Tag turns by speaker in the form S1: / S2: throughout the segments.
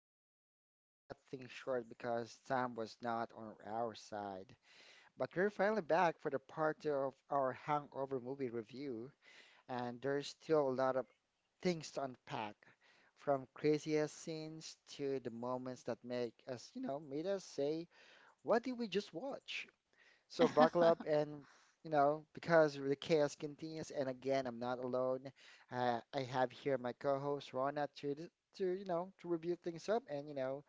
S1: time we had to cut things short because time was not on our side. But we're finally back for the part two of our Hangover movie review, and there's still a lot of things to unpack, from craziest scenes to the moments that make us, you know, made us say, "What did we just watch?" So buckle up and, because the chaos continues, and again, I'm not alone. I have here my co-host Rona to review things up and you know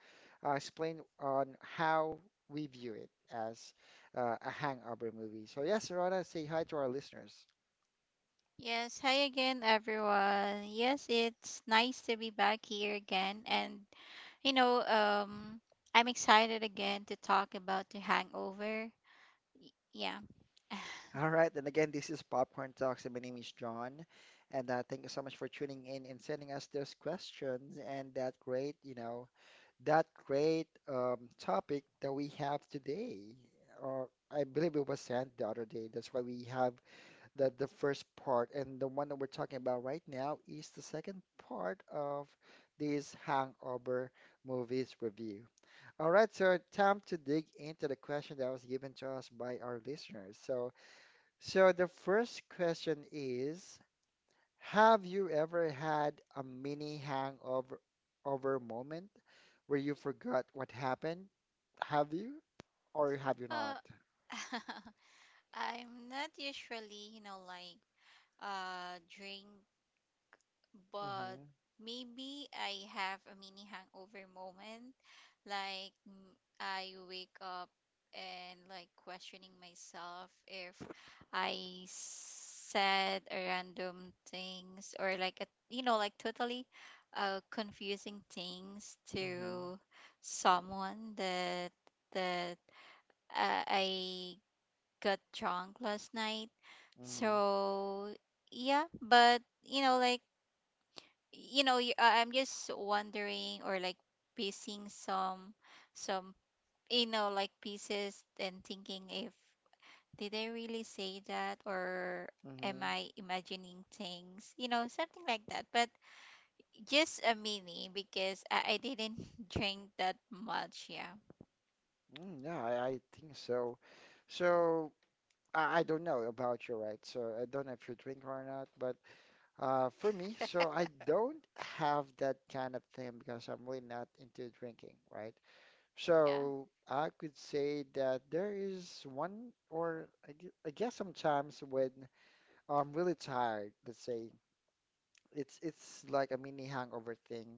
S1: uh, explain on how we view it as a hangover movie. So yes, Rona, say hi to our listeners.
S2: Yes, hi again, everyone. Yes, it's nice to be back here again. You know, um, I'm excited again to talk about the hangover. Yeah.
S1: All right, and again, this is Popcorn Talks, and my name is John, and thank you so much for tuning in and sending us those questions and that great topic that we have today. Uh, I believe it was sent the other day. That's why we have the first part. And the one that we're talking about right now is the second part of this Hangover movies review. All right, so time to dig into the question that was given to us by our listeners. So the first question is, have you ever had a mini hangover over moment where you forgot what happened? Have you or have you not?
S2: Uh, I'm not usually, like drink but
S1: Mm-hmm.
S2: maybe I have a mini hangover moment. Like mm, I wake up and like questioning myself if I said a random things or like a, totally confusing things
S1: Mm-hmm.
S2: to someone that I got drunk last night.
S1: Mm-hmm.
S2: So yeah, but I'm just wondering or like piecing some pieces and thinking if did I really say that or am
S1: Mm-hmm.
S2: I imagining things, something like that, but just a mini because I didn't drink that much. yeah
S1: Mm, yeah, I think so. So I don't know about you, right? So I don't know if you drink or not, but for me, so I don't have that kind of thing because I'm really not into drinking, right?
S2: yeah
S1: So I could say that there is one, or I guess sometimes when I'm really tired, let's say it's like a mini hangover thing.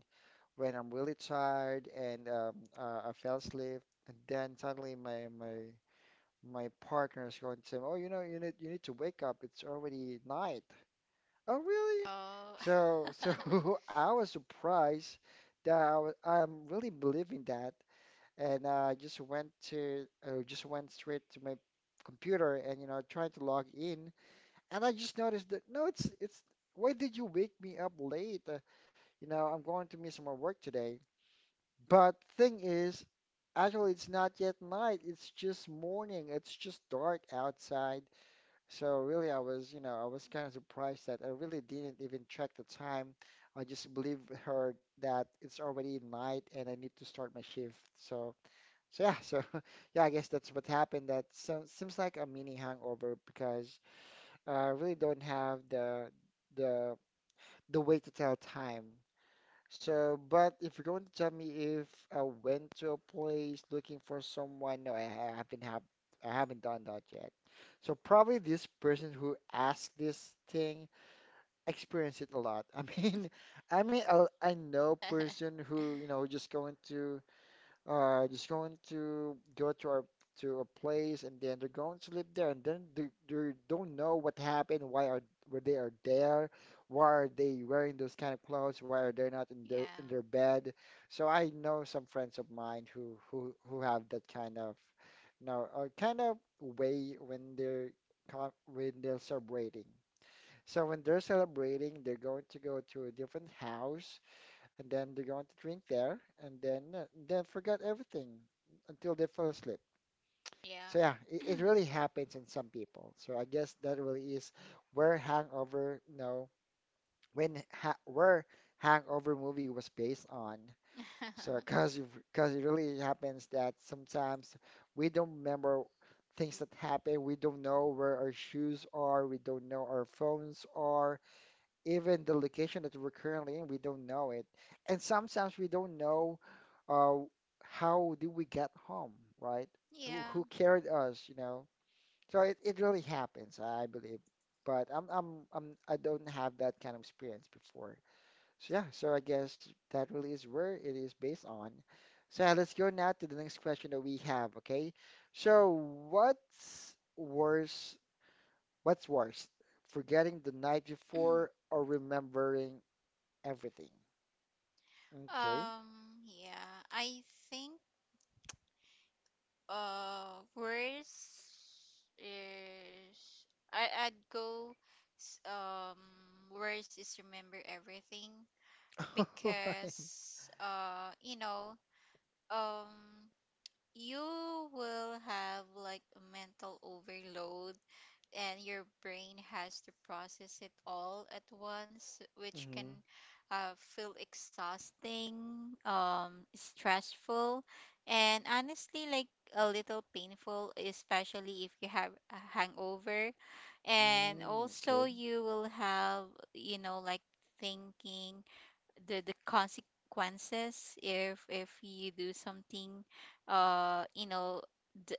S1: When I'm really tired and I fell asleep, and then suddenly my partner is going to say, "Oh, you know, you need to wake up. It's already night." Oh, really?
S2: Oh.
S1: So I was surprised that I'm really believing that and I just went to just went straight to my computer and you know trying to log in, and I just noticed that no, it's why did you wake me up late, you know, I'm going to miss my work today, but thing is, actually it's not yet night, it's just morning, it's just dark outside. So really I was, you know, I was kind of surprised that I really didn't even check the time. I just believed her that it's already night and I need to start my shift. So yeah, so yeah, I guess that's what happened. That so, seems like a mini hangover because I really don't have the the way to tell time. So, but if you're going to tell me if I went to a place looking for someone, no, I haven't done that yet. So probably this person who asked this thing experienced it a lot. I mean, I know person who you know just going to go to our to a place and then they're going to live there, and then they don't know what happened, why are why they are there, why are they wearing those kind of clothes, why are they not in their
S2: yeah
S1: bed. So I know some friends of mine who have that kind of, you know, kind of way when they're when they're celebrating. So when they're celebrating, they're going to go to a different house and then they're going to drink there, and then then forget everything until they fall asleep. So
S2: yeah.
S1: yeah, it really happens in some people. So I guess that really is where hangover, you know, when ha where hangover movie was based on. So because it really happens that sometimes we don't remember things that happen. We don't know where our shoes are. We don't know our phones are. Even the location that we're currently in, we don't know it. And sometimes we don't know uh, how did we get home, right? Who
S2: Yeah.
S1: carried us, you know? So it really happens, I believe. But I don't have that kind of experience before. So yeah, so I guess that really is where it is based on. So yeah, let's go now to the next question that we have, okay? So what's worse, forgetting the night before or remembering everything? Okay.
S2: um yeah I think worst is I'd go, s- um worst is remember everything,
S1: Right.
S2: because um you will have like a mental overload and your brain has to process it all at once, which
S1: Mm-hmm.
S2: can feel exhausting, stressful, and honestly, like a little painful, especially if you have a hangover. And
S1: Mm, okay.
S2: also, you will have, you know, like thinking the consequences if you do something, uh, you know, d-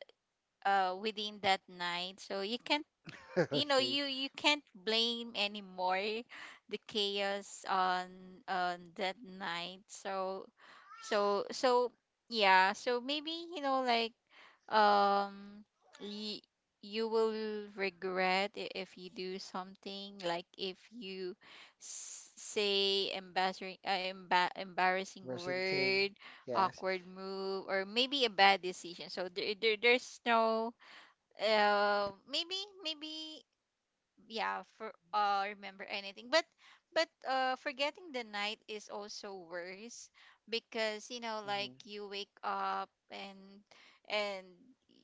S2: within that night. So you can
S1: Okay.
S2: you can't blame anymore the chaos on that night, so yeah. So maybe, um y- you will regret if you do something like if you say embarrassing, embarrassing
S1: Russian thing.
S2: word,
S1: Yes.
S2: awkward move or maybe a bad decision. So there's no, uh, maybe maybe yeah, for remember anything. But forgetting the night is also worse, because
S1: Hmm.
S2: you wake up and and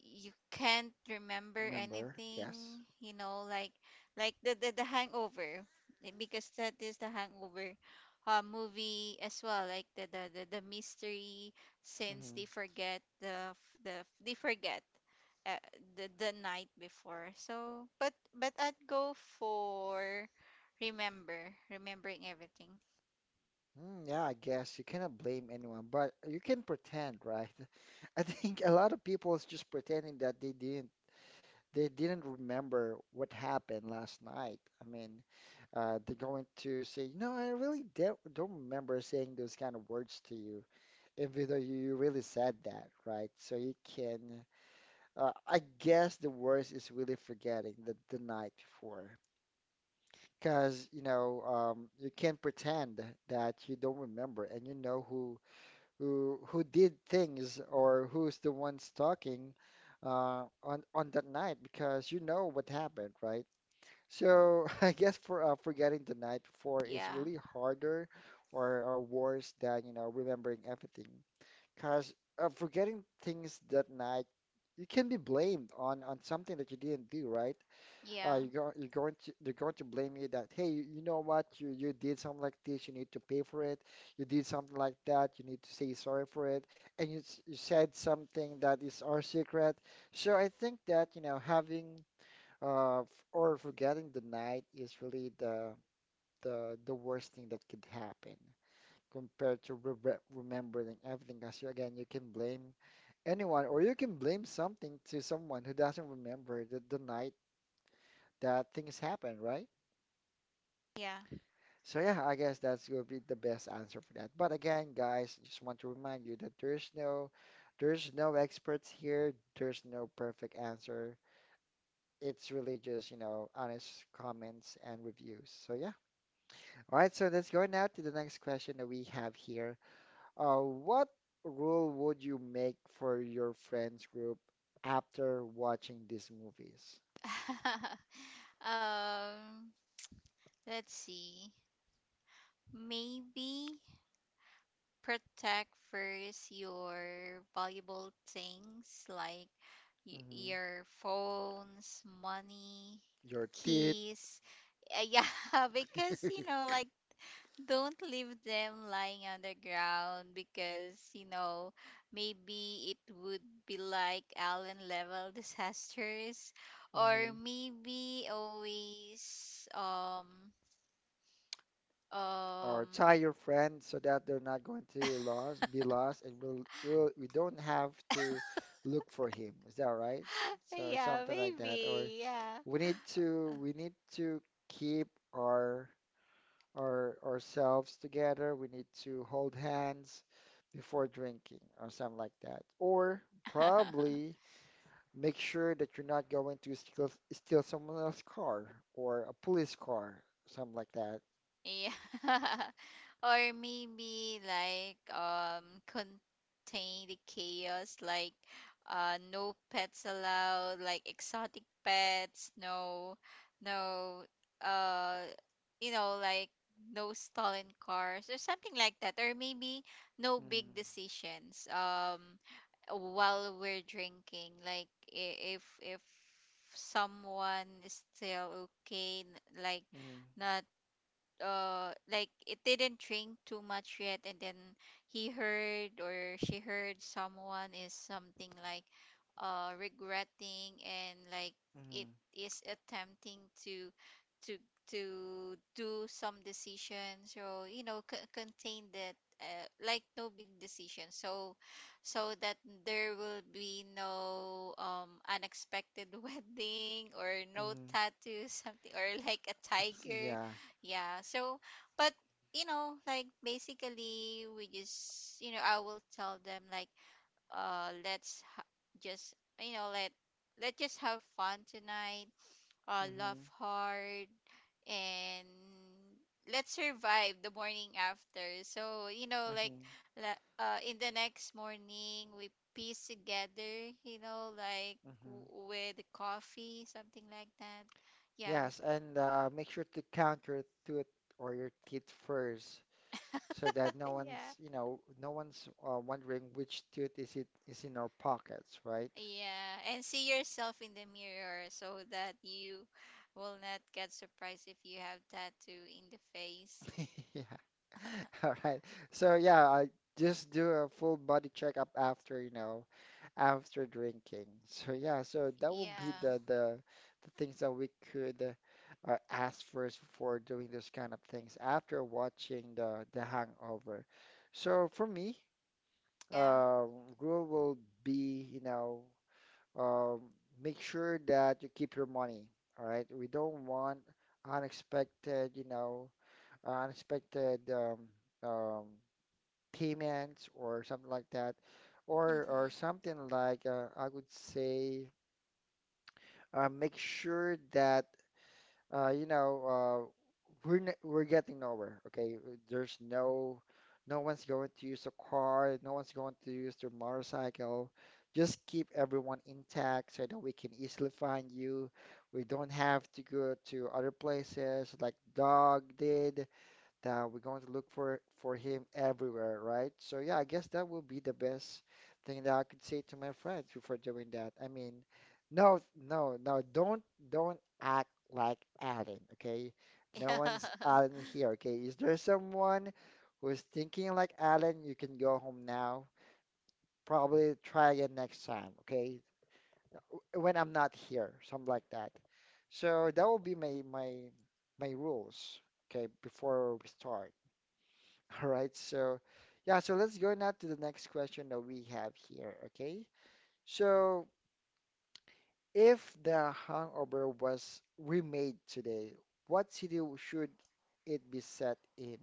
S2: you can't remember
S1: Remember?
S2: anything,
S1: Yes.
S2: like the hangover, because that is the hangover movie as well, like the mystery, since
S1: Hmm.
S2: they forget the they forget uh, the night before. So, but I'd go for remembering everything.
S1: Mm, yeah, I guess you cannot blame anyone, but you can pretend, right? I think a lot of people is just pretending that they didn't remember what happened last night. I mean, they're going to say, no, I really don't remember saying those kind of words to you, even though you really said that, right? So you can, I guess the worst is really forgetting the night before. Because you know, you can't pretend that you don't remember and you know who who did things or who's the ones talking on that night because you know what happened, right? So I guess for forgetting the night before is
S2: Yeah.
S1: really harder, or worse than you know remembering everything because, forgetting things that night, you can be blamed on something that you didn't do, right?
S2: Yeah.
S1: You're going to, they're going to blame you that, hey, you know what, you did something like this, you need to pay for it. You did something like that, you need to say sorry for it. And you said something that is our secret. So I think that, you know, having uh, f- or forgetting the night is really the worst thing that could happen compared to re remembering everything. Because again, you can blame anyone, or you can blame something to someone who doesn't remember the night that things happen, right?
S2: Yeah.
S1: So yeah, I guess that's will be the best answer for that. But again, guys, just want to remind you that there's no experts here, there's no perfect answer. It's really just, you know, honest comments and reviews. So yeah. All right, so let's go now to the next question that we have here. What rule would you make for your friends group after watching these movies?
S2: um, let's see. Maybe protect first your valuable things like
S1: Hmm.
S2: your phones, money,
S1: Your teeth.
S2: keys. Yeah, because you know, like don't leave them lying on the ground, because you know maybe it would be like Allen level disasters. Or
S1: Hmm.
S2: maybe always.
S1: Or
S2: Um
S1: tie your friend so that they're not going to lost, be lost, and we don't have to look for him. Is that right? So
S2: yeah,
S1: something like that, or
S2: maybe, yeah.
S1: we need to keep our our ourselves together. We need to hold hands before drinking, or something like that, or probably make sure that you're not going to steal someone else's car or a police car, something like that.
S2: Yeah. Or maybe like contain the chaos, like no pets allowed, like exotic pets, no uh you know, like no stolen cars or something like that. Or maybe no big
S1: Mhm.
S2: decisions, while we're drinking, like if someone is still okay, like
S1: Mhm.
S2: not, like it didn't drink too much yet, and then he heard or she heard someone is something like regretting and like it
S1: Mhm.
S2: is attempting to to to do some decision. So you know, contain that, like no big decision, so that there will be no unexpected wedding or no
S1: Mhm.
S2: tattoo something or like a tiger.
S1: Yeah.
S2: Yeah. So, but you know, like basically, we just you know, I will tell them like, let's ha- just you know, let just have fun tonight. Laugh
S1: Mhm.
S2: hard and let's survive the morning after. So you know, like,
S1: Mhm.
S2: in the next morning we piece together. You know, like
S1: Mhm.
S2: with coffee, something like that. Yeah.
S1: Yes, and make sure to count your tooth or your teeth first, so that no
S2: Yeah.
S1: one's, you know, no one's wondering which tooth is it is in our pockets, right?
S2: Yeah, and see yourself in the mirror so that you will not get surprised if you have tattoo in the face.
S1: Yeah. All right. So yeah, I just do a full body checkup after, you know, after drinking. So yeah, so that would be
S2: Yeah,
S1: the things that we could ask first before doing those kind of things after watching the Hangover. So for me,
S2: yeah.
S1: uh, rule will be, you know, um, make sure that you keep your money. All right. We don't want unexpected, you know, unexpected um, payments or something like that, or
S2: Mm-hmm.
S1: something like I would say make sure that, you know, we're getting nowhere. Okay, there's no, no one's going to use a car, no one's going to use their motorcycle. Just keep everyone intact so that we can easily find you. We don't have to go to other places like Dog did that we're going to look for him everywhere, right? So yeah, I guess that will be the best thing that I could say to my friends before doing that. I mean, no, no, don't act like Alan, okay? No
S2: Yeah.
S1: one's Alan here, okay? Is there someone who's thinking like Alan? You can go home now. Probably try again next time, okay? When I'm not here, something like that. So that will be my rules, okay, before we start. All right, so yeah, so let's go now to the next question that we have here, okay? So, if The Hangover was remade today, what city should it be set in?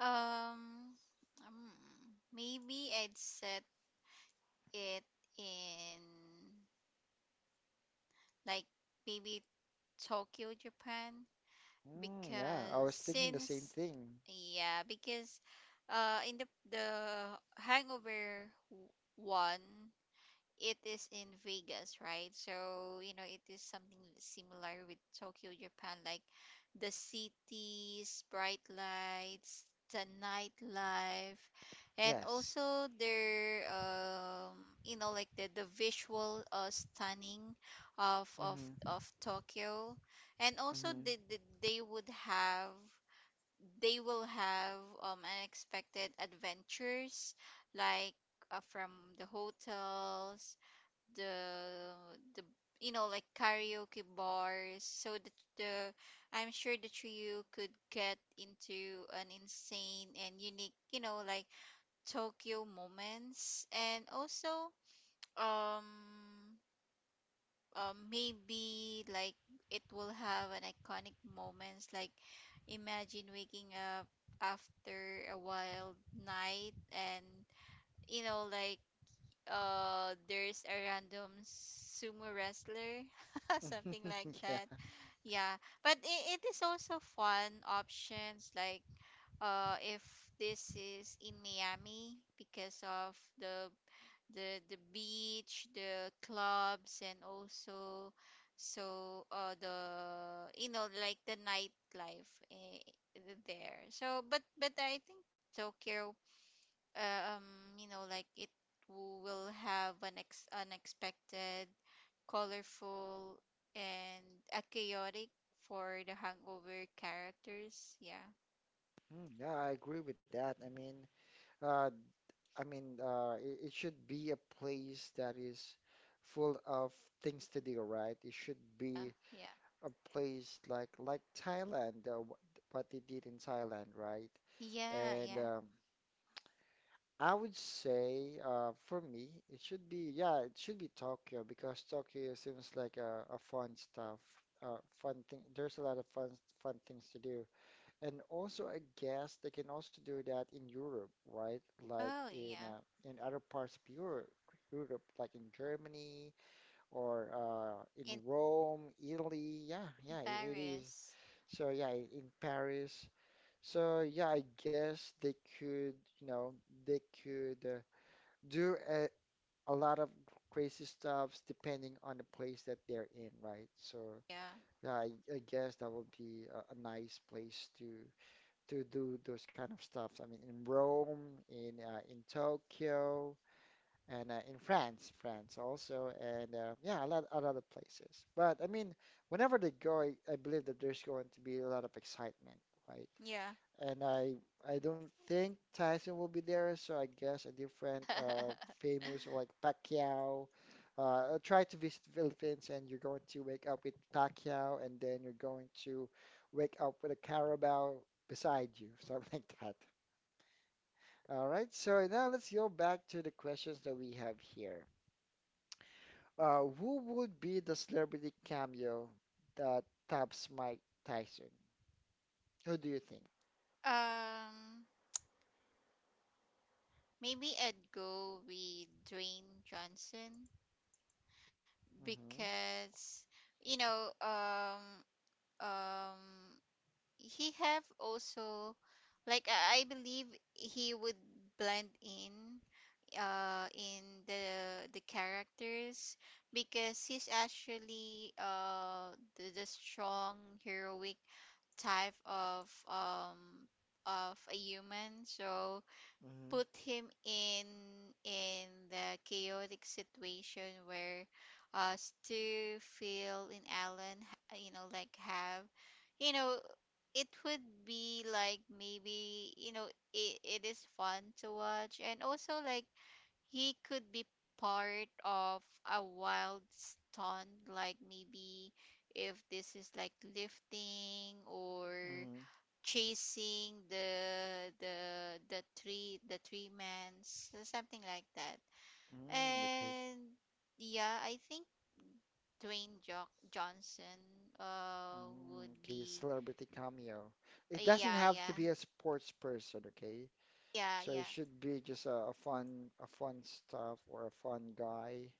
S2: Um, um, maybe I'd set it in, like, maybe Tokyo, Japan,
S1: Mm, yeah, I
S2: because
S1: was thinking the same
S2: since
S1: thing.
S2: yeah, because in the Hangover w- one, it is in Vegas, right? So, you know, it is something similar with Tokyo, Japan, like the cities, bright lights, the nightlife, and
S1: Yes.
S2: also their you know, like the visual, stunning of of
S1: Mm-hmm.
S2: of Tokyo, and also
S1: Mm-hmm.
S2: they will have unexpected adventures, like from the hotels, the the you know, like karaoke bars. So the I'm sure the trio could get into an insane and unique, you know, like Tokyo moments. And also, um maybe like it will have an iconic moments, like imagine waking up after a wild night and, you know, like there's a random sumo wrestler, something like that.
S1: Yeah.
S2: Yeah, but it is also fun options, like if this is in Miami, because of the beach, the clubs, and also, so the you know, like the nightlife, there. So but I think Tokyo, uh, um, you know, like it will have an ex unexpected, colorful, and a chaotic for the Hangover characters. Yeah.
S1: Mm, yeah, I agree with that. Uh, I mean, it should be a place that is full of things to do, right? It should be
S2: Yeah.
S1: a place like Thailand, what they did in Thailand, right?
S2: Yeah,
S1: And
S2: yeah.
S1: I would say for me, it should be yeah, it should be Tokyo because Tokyo seems like a fun stuff, fun thing. There's a lot of fun things to do, and also I guess they can also do that in Europe, right? Like
S2: Oh,
S1: in
S2: yeah.
S1: uh, in other parts of Europe. Europe, like in Germany or in
S2: In
S1: Rome, Italy. Yeah,
S2: in
S1: yeah, it is.
S2: Paris.
S1: So yeah, in Paris. So yeah, I guess you know, they could do a lot of crazy stuffs depending on the place that they're in, right? So
S2: Yeah.
S1: yeah, I guess that would be a nice place to do those kind of stuffs. I mean, in Rome, in Tokyo, and in France, France also, and yeah, a lot of places. But I mean, whenever they go, I believe that there's going to be a lot of excitement, right?
S2: Yeah.
S1: And I don't think Tyson will be there, so I guess a different famous like Pacquiao. I try to visit Philippines, and you're going to wake up with Pacquiao, and then you're going to wake up with a Carabao beside you, something like that. All right, so now let's go back to the questions that we have here. Who would be the celebrity cameo that tops Mike Tyson? Who do you think?
S2: Um, maybe I'd go with Dwayne Johnson,
S1: Mm-hmm.
S2: because you know, um, um, he have also, like I believe he would blend in the characters, because he's actually the strong, heroic type of a human. So put him in the chaotic situation where, Stu, Phil and Alan you know, like have, you know, it would be like, maybe, you know, it is fun to watch. And also, like, he could be part of a wild stunt, like maybe if this is like lifting or
S1: Mm-hmm. Mm-hmm.
S2: chasing the three men, so something like that.
S1: Mm, okay.
S2: And yeah, I think Dwayne Johnson
S1: Mm,
S2: would
S1: okay,
S2: be.
S1: celebrity cameo. It doesn't
S2: Yeah,
S1: have to
S2: yeah.
S1: be a sports person, okay?
S2: Yeah,
S1: So it
S2: yeah.
S1: should be just a fun, a fun, stuff or a fun guy.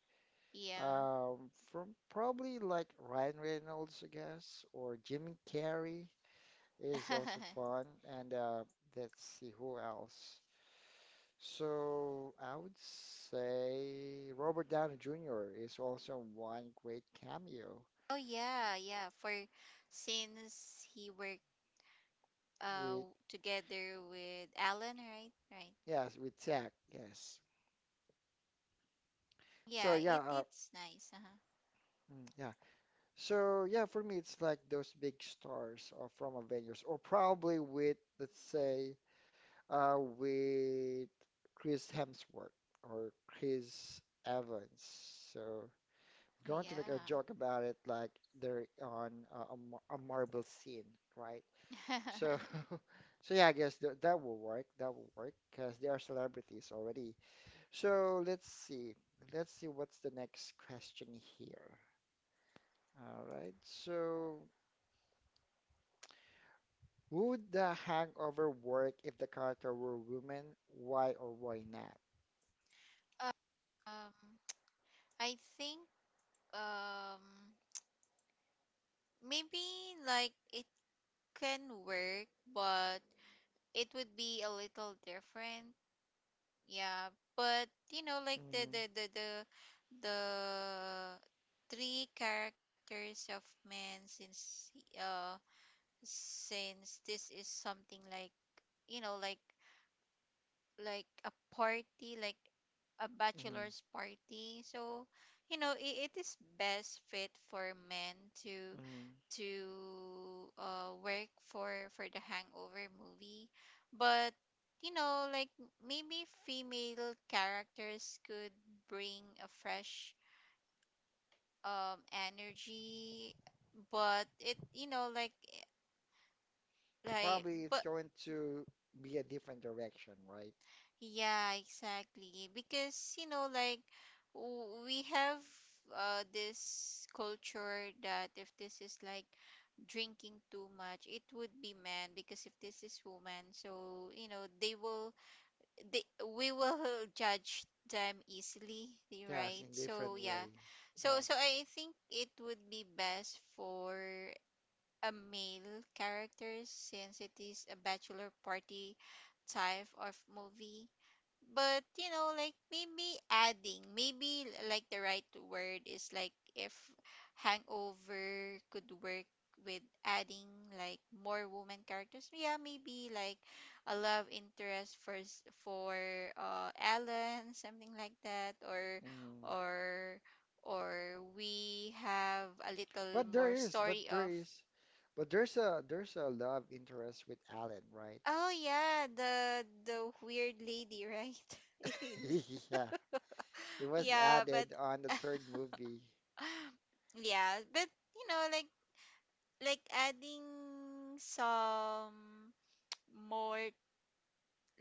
S2: Yeah.
S1: From probably like Ryan Reynolds, I guess, or Jim Carrey is also fun. And let's see who else. So I would say Robert Downey Jr. is also one great cameo
S2: Oh yeah, yeah. For since he worked uh
S1: with,
S2: together with Alan, right? Right.
S1: yes, with Zack, yes.
S2: Yeah,
S1: So
S2: it
S1: yeah,
S2: it's nice. Uh-huh.
S1: mm, yeah. So yeah, for me it's like those big stars or from Avengers, or probably with let's say with Chris Hemsworth or Chris Evans. So
S2: Oh,
S1: going to make
S2: yeah.
S1: a joke about it, like they're on a Marvel scene, right? So so yeah, I guess th that will work. That will work because they are celebrities already. So let's see. Let's see what's the next question here. All right. So. Would the hangover work if the character were woman? Why or why not?
S2: Um, I think um maybe like it can work, but it would be a little different. Yeah, but you know, like the
S1: Hmm.
S2: the the the the three characters of man, since since this is something like, you know, like a party, like a
S1: Hmm.
S2: bachelor's party. So you know, it is best fit for men to
S1: Hmm.
S2: to work for the Hangover movie. But you know, like maybe female characters could bring a fresh energy, but it, you know, like, eh, like
S1: Probably it's
S2: but
S1: going to be a different direction, right?
S2: Yeah, exactly. Because, you know, like we have, this culture that if this is like drinking too much, it would be man, because if this is woman, so you know, they will they we will judge them easily,
S1: Yes,
S2: right?
S1: in
S2: So
S1: different
S2: yeah.
S1: way.
S2: So so
S1: Yes.
S2: I think it would be best for a male character, since it is a bachelor party type of movie. But you know, like, maybe adding, maybe like the right word is like if Hangover could work with adding like more woman characters. Yeah, maybe like a love interest for for Ellen, something like that,
S1: Hmm.
S2: or or we have a little
S1: But there
S2: more
S1: is, but
S2: story
S1: there
S2: of.
S1: is, but there's a love interest with Alan, right?
S2: Oh yeah, the weird lady, right?
S1: Yeah, it was
S2: Yeah, but
S1: added on the third movie.
S2: yeah, but you know, like adding some more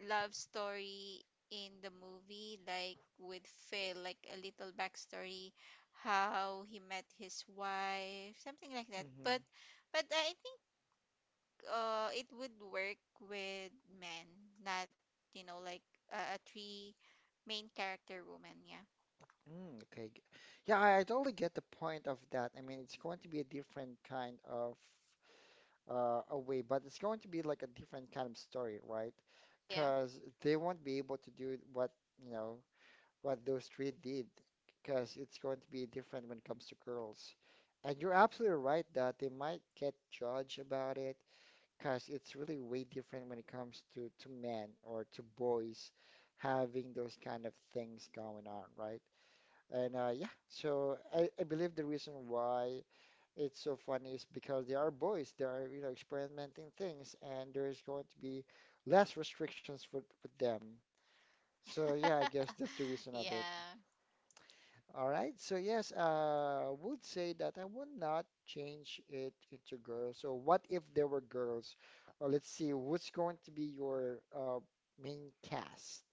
S2: love story in the movie, like with Phil, like a little backstory, how he met his wife, something like that.
S1: Hmm.
S2: But I think it would work with men, not you know, like a three main character woman. Yeah,
S1: Mm, okay. Yeah, I totally get the point of that. I mean, it's going to be a different kind of away, but it's going to be like a different kind of story, right? Because they won't be able to do you know, what those three did, because it's going to be different when it comes to girls. And you're absolutely right that they might get judged about it, because it's really way different when it comes to men or to boys having those kind of things going on, right? And yeah, so I believe the reason why it's so funny is because they are boys. They are, experimenting things, and there is going to be less restrictions for with them. So
S2: yeah,
S1: yeah, I guess that's the reason of it.
S2: yeah.
S1: All right. So yes, I would say that I would not change it into girls. So what if there were girls? Or let's see, what's going to be your main cast?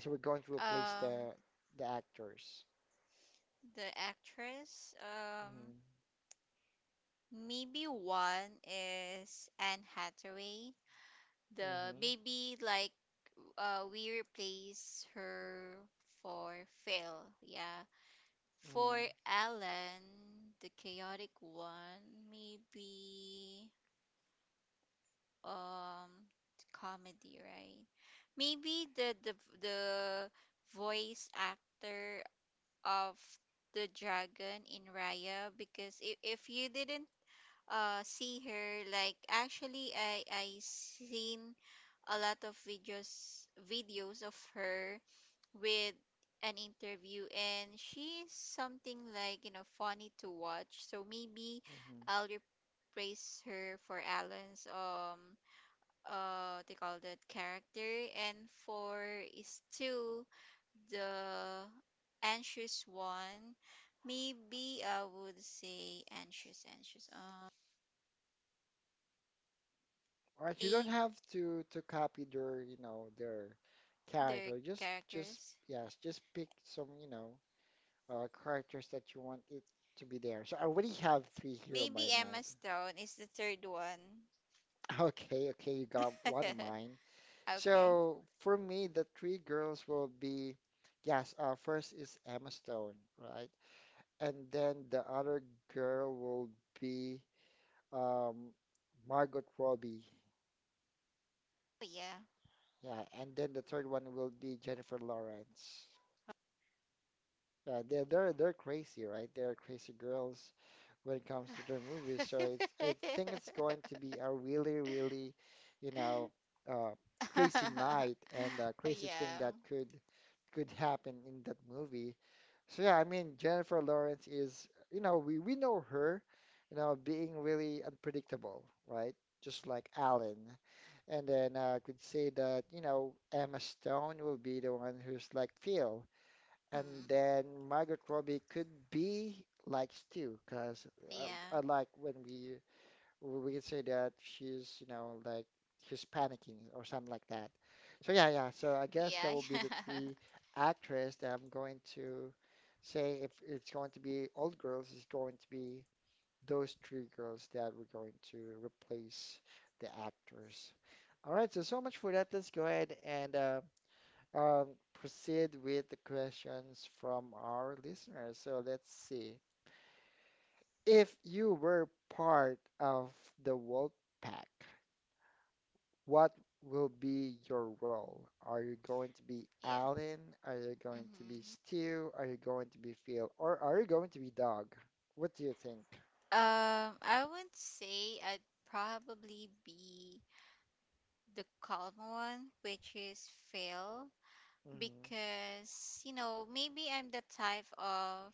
S1: So we're going to replace
S2: Um.
S1: the actors.
S2: The actress,
S1: Mm-hmm.
S2: maybe one is Anne Hathaway. The
S1: Mm-hmm.
S2: maybe like, we replace her for Phil. Yeah,
S1: Mm-hmm.
S2: for Alan, the chaotic one, maybe um comedy, right? Maybe the voice actor of the dragon in Raya, because if you didn't see her, like, actually I seen a lot of videos, videos of her with an interview, and she's something like, you know, funny to watch. So maybe
S1: Mm-hmm.
S2: I'll replace her for Alan's, what they call that character. And for is two, the anxious one, maybe I would say anxious,
S1: All right, you don't have to copy their
S2: their
S1: character. Just just
S2: characters.
S1: yes, just pick some, characters that you want it to be there. So I already have three here on
S2: Maybe
S1: my
S2: Emma
S1: mind.
S2: Stone is the third one.
S1: Okay, okay, you got one of mine.
S2: Okay.
S1: So for me, the three girls will be yes, first is Emma Stone, right? And then the other girl will be um Margot Robbie.
S2: Oh, yeah.
S1: Yeah, and then the third one will be Jennifer Lawrence. Yeah, they're crazy, right? They're crazy girls when it comes to their movies. So it's I think it's going to be a really, really, you know, uh, crazy night and a crazy thing
S2: Yeah.
S1: that could happen in that movie. So yeah, I mean Jennifer Lawrence is, we know her, being really unpredictable, right? Just like Alan. And then I could say that, Emma Stone will be the one who's like Phil and
S2: Mm.
S1: then Margot Robbie could be like Stu, because I,
S2: Yeah.
S1: I like when we can say that she's panicking or something like that. So yeah, yeah. So I guess that
S2: Yeah.
S1: will be the three actress that I'm going to say if it's going to be old girls, it's going to be those three girls that we're going to replace the actors. All right, so much for that. Let's go ahead and um, proceed with the questions from our listeners. So let's see. If you were part of the wolf pack, what will be your role? Are you going to be
S2: Yeah. Yeah.
S1: Alan? Are you going to be
S2: Hmm.
S1: Stu? Are you going to be Phil? Or are you going to be Dog? What do you think?
S2: I would say I'd probably be the calm one, which is Phil,
S1: Mm-hmm.
S2: because, you know, maybe I'm the type of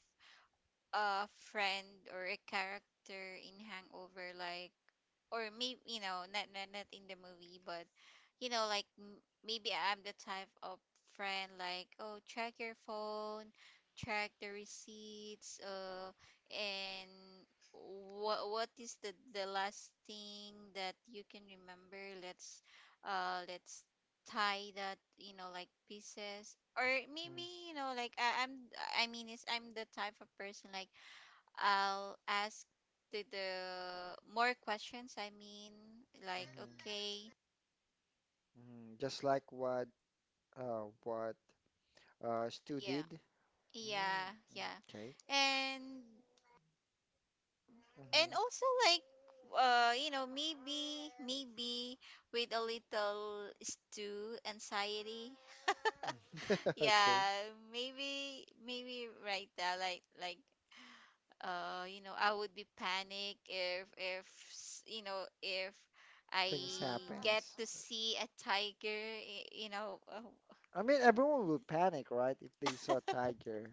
S2: a friend or a character in Hangover, like, or maybe, you know, not in the movie, but, you know, like, maybe I'm the type of friend, like, oh, check your phone, check the receipts, and what is the last thing that you can remember? Let's tie that, you know, like, pieces. Or
S1: Mm-hmm.
S2: maybe, you know, like I, I'm I mean is I'm the type of person like I'll ask the more questions. I mean, like okay,
S1: Hmm. Just like what Stu
S2: yeah,
S1: did. Mm, mm,
S2: yeah,
S1: okay.
S2: and and
S1: Mm-hmm.
S2: also like you know, maybe with a little stew anxiety.
S1: Okay.
S2: Yeah, maybe right there like I would be panic if if I
S1: Things
S2: get
S1: happens.
S2: to see a tiger oh.
S1: I mean, everyone will panic, right, if they saw a tiger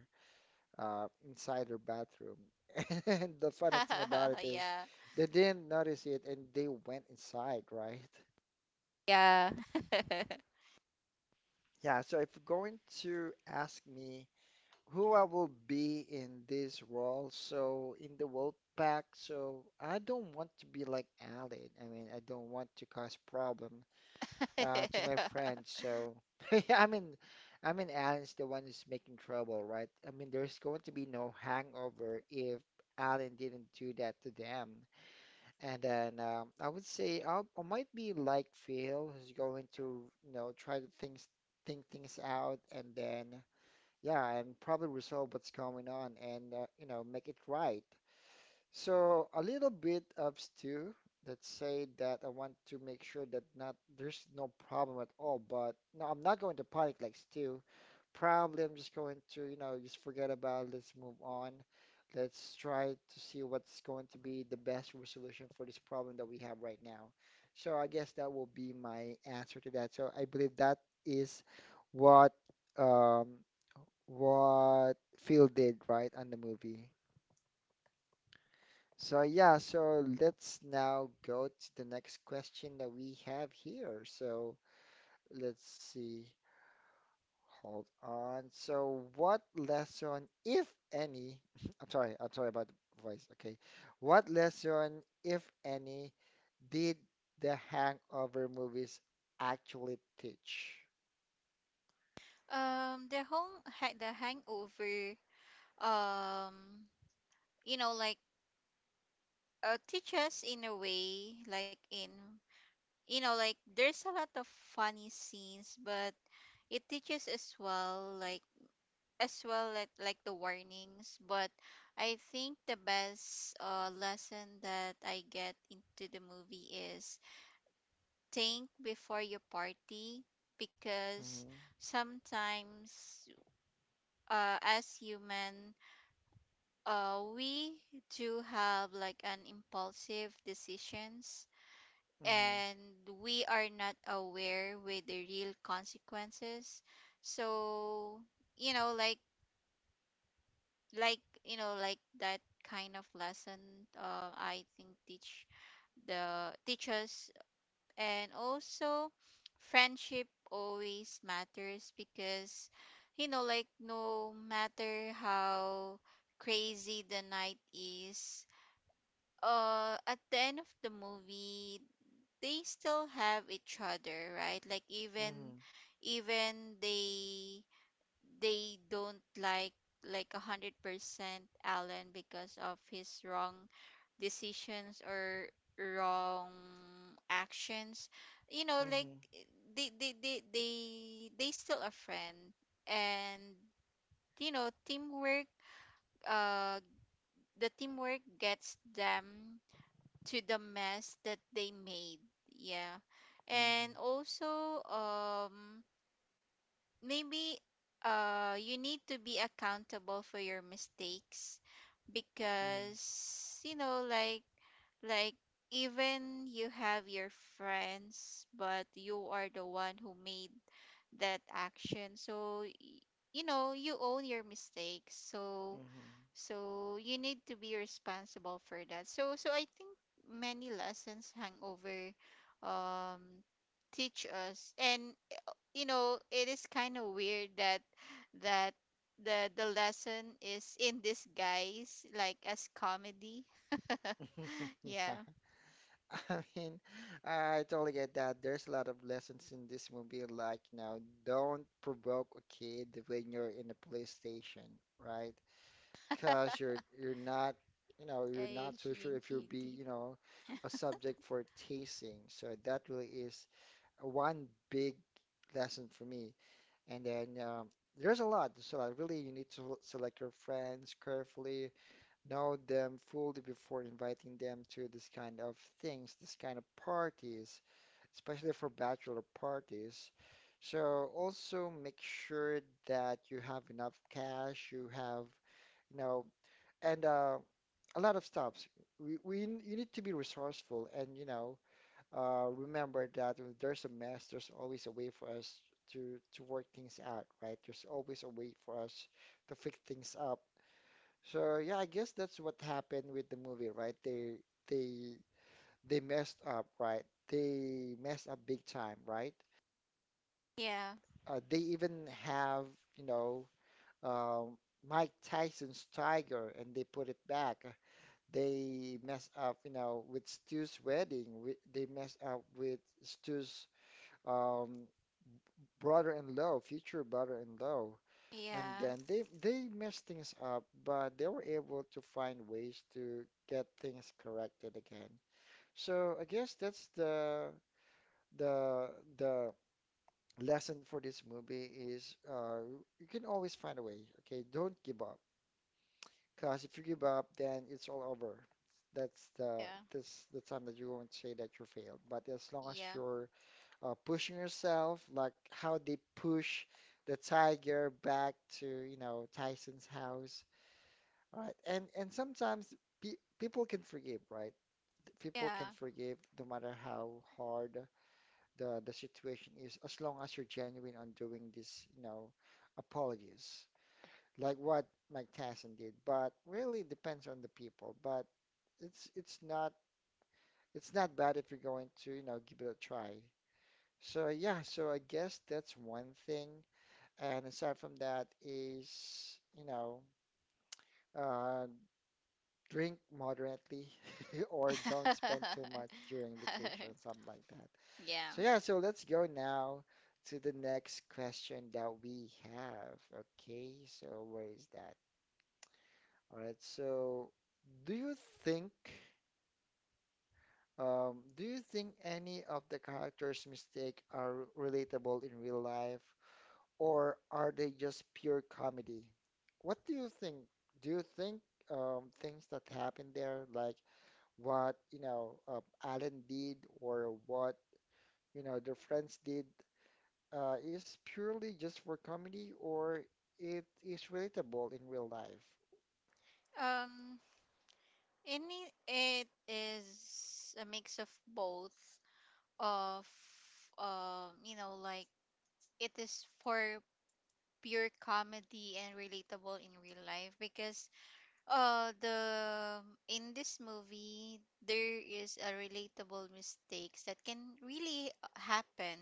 S1: inside their bathroom. And the funny thing about it is
S2: Yeah.
S1: they didn't notice it and they went inside, right?
S2: Yeah.
S1: Yeah, so if you're going to ask me who I will be in this role, so in the world Pack, so I don't want to be like Alan. I mean, I don't want to cause problem to my friends. So yeah, I mean, Alan's the one who's making trouble, right? I mean, there's going to be no hangover if Alan didn't do that to them. And then I would say I might be like Phil, who's going to, try to things, think things out, and then yeah, and probably resolve what's going on, and make it right. So a little bit of stew. Let's say that I want to make sure that not there's no problem at all. But no, I'm not going to panic like stew. Probably I'm just going to, just forget about it. Let's move on. Let's try to see what's going to be the best resolution for this problem that we have right now. So I guess that will be my answer to that. So I believe that is what um what Phil did right on the movie. So yeah, so let's now go to the next question that we have here. So let's see. Hold on. So what lesson, if any, I'm sorry about the voice. Okay. What lesson, if any, did the Hangover movies actually teach?
S2: The hangover um like teach us in a way, like, in like there's a lot of funny scenes, but it teaches as well, like, like the warnings. But I think the best lesson that I get into the movie is think before you party, because
S1: Mhm,
S2: sometimes as human, we do have like an impulsive decisions,
S1: mhm,
S2: and we are not aware with the real consequences. So like, like that kind of lesson I think teach the teachers. And also, friendship always matters, because like, no matter how crazy the night is, at the end of the movie they still have each other, right? Like, even
S1: mhm,
S2: even they don't like 100% Alan, because of his wrong decisions or wrong actions. You know, like,
S1: mhm,
S2: they they still a friend. And teamwork, uh the teamwork gets them to the mess that they made. Yeah. And also, maybe you need to be accountable for your mistakes, because like, like even you have your friends, but you are the one who made that action. So you own your mistakes, so
S1: mhm,
S2: so you need to be responsible for that. So so I think many lessons hangover um teach us. And it is kind of weird that that the the lesson is in disguise, like, as comedy.
S1: mhm,
S2: Yeah.
S1: mhm. I mean, I totally get that. There's a lot of lessons in this movie, like, don't provoke a kid when you're in a police station, right? Because you're you're not, you know, you're
S2: I,
S1: not so sure if
S2: she
S1: you'll be,
S2: did.
S1: a subject for tasing. So that really is one big lesson for me. And then there's a lot, there's a lot. Really, you need to select your friends carefully know them fully before inviting them to this kind of things, this kind of parties, especially for bachelor parties. So also make sure that you have enough cash, you have, you know, and a lot of stops. We you need to be resourceful and remember that if there's a mess, there's always a way for us to work things out, right? There's always a way for us to fix things up. So yeah, I guess that's what happened with the movie, right? They they messed up, right? They messed up big time, right?
S2: Yeah,
S1: They even have, you know, um, Mike Tyson's tiger, and they put it back. They mess up, with Stu's wedding. They mess up with Stu's um, brother-in-law, future brother-in-law. And
S2: yeah,
S1: then they messed things up, but they were able to find ways to get things corrected again. So I guess that's the the lesson for this movie is you can always find a way. Okay, don't give up. Because if you give up, then it's all over. That's the
S2: yeah,
S1: that's the time that you won't say that you failed. But as long as
S2: yeah,
S1: you're pushing yourself, like how they push the tiger back to, you know, Tyson's house. Right. And sometimes pe people can forgive, right? People can
S2: yeah.
S1: forgive no matter how hard the situation is, as long as you're genuine on doing this, you know, apologies, like what Mike Tyson did. But really depends on the people. But it's it's not it's not bad if you're going to, you know, give it a try. So yeah, so I guess that's one thing. And aside from that is, you know, uh, drink moderately or don't spend too much during vacation, something like that.
S2: Yeah.
S1: So yeah, so let's go now to the next question that we have. Okay, so where is that? All right, so do you think do you think any of the characters' mistake are relatable in real life, or are they just pure comedy? What do you think? Do you think things that happen there, like what Alan did or what their friends did is purely just for comedy or it is relatable in real life.
S2: um any, it is a mix of both, of like, it is for pure comedy and relatable in real life, because the, in this movie, there is a relatable mistakes that can really happen.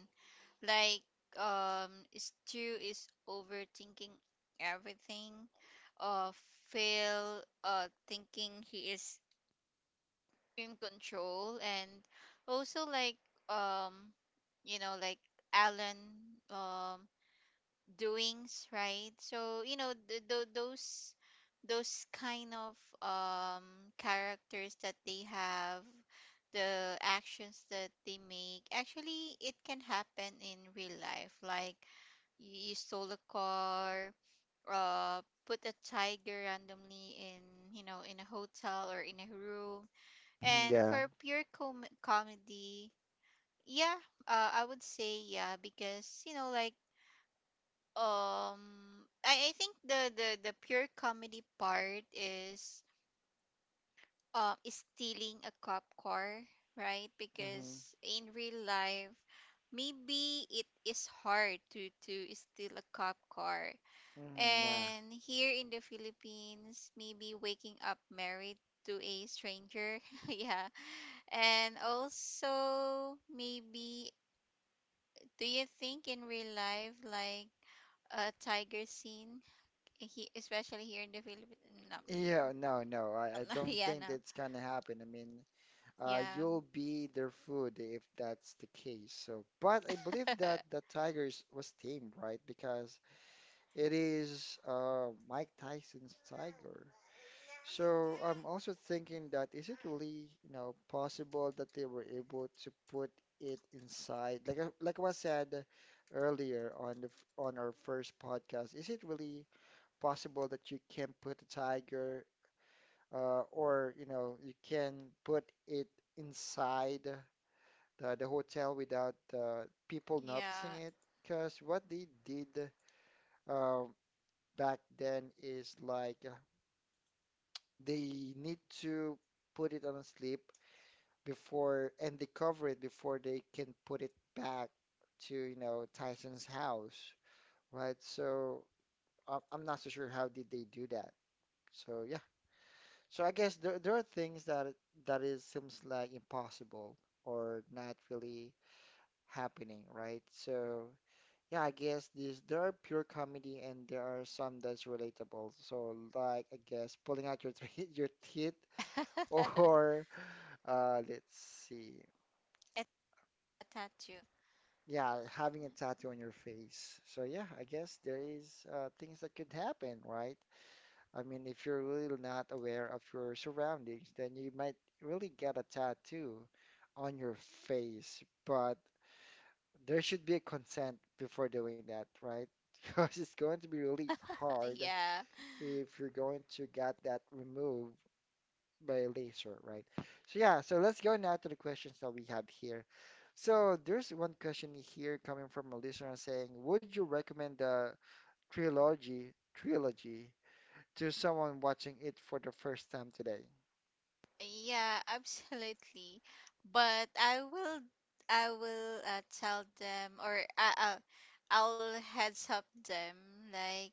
S2: Like, um Stu is overthinking everything. uh Phil thinking he is in control. And also, like, um like, Alan, um doings, right? So, those those kind of um characters that they have, the actions that they make, actually it can happen in real life. Like, you stole a car, uh put a tiger randomly in, in a hotel or in a room.
S1: Mhm,
S2: And
S1: yeah.
S2: for pure comedy, yeah. I would say yeah, because like, um I think the pure comedy part is, is stealing a cop car, right?
S1: Hmm,
S2: Because in real life, maybe it is hard to steal a cop car.
S1: hmm, yeah.
S2: And here in the Philippines, maybe waking up married to a stranger. Yeah. And also maybe, do you think in real life, like, a tiger scene, he, especially here in the Philippines? No.
S1: Yeah, no, no, I
S2: Yeah.
S1: don't
S2: Yeah,
S1: think
S2: no.
S1: that's gonna happen. I mean,
S2: Yeah.
S1: you'll be their food if that's the case. So, but I believe that the Tigers was tamed, right? Because it is Mike Tyson's tiger. So I'm also thinking that is it really, you know, possible that they were able to put it inside, like like was said earlier on on our first podcast, is it really possible that you can put a tiger, or you know, you can put it inside the hotel without people noticing
S2: Yeah.
S1: it? Because what they did uh, back then is like they need to put it on a slip before and they cover it before they can put it back to, you know, Tyson's house, right? So I'm not so sure how did they do that. So yeah, so I guess there are things that is seems like impossible or not really happening, right? So yeah, I guess this there are pure comedy and there are some that's relatable. So like I guess pulling out your teeth, your teeth or let's see.
S2: It, tattoo.
S1: Yeah, having a tattoo on your face. So yeah, I guess there is things that could happen, right? I mean, if you're really not aware of your surroundings, then you might really get a tattoo on your face. But there should be a consent before doing that, right? Because it's going to be really hard
S2: Yeah.
S1: if you're going to get that removed by laser, right? So yeah, so let's go now to the questions that we have here. So there's one question here coming from a listener saying, would you recommend the trilogy to someone watching it for the first time today?
S2: Yeah, absolutely. But I will, I will tell them, or I'll heads up them like,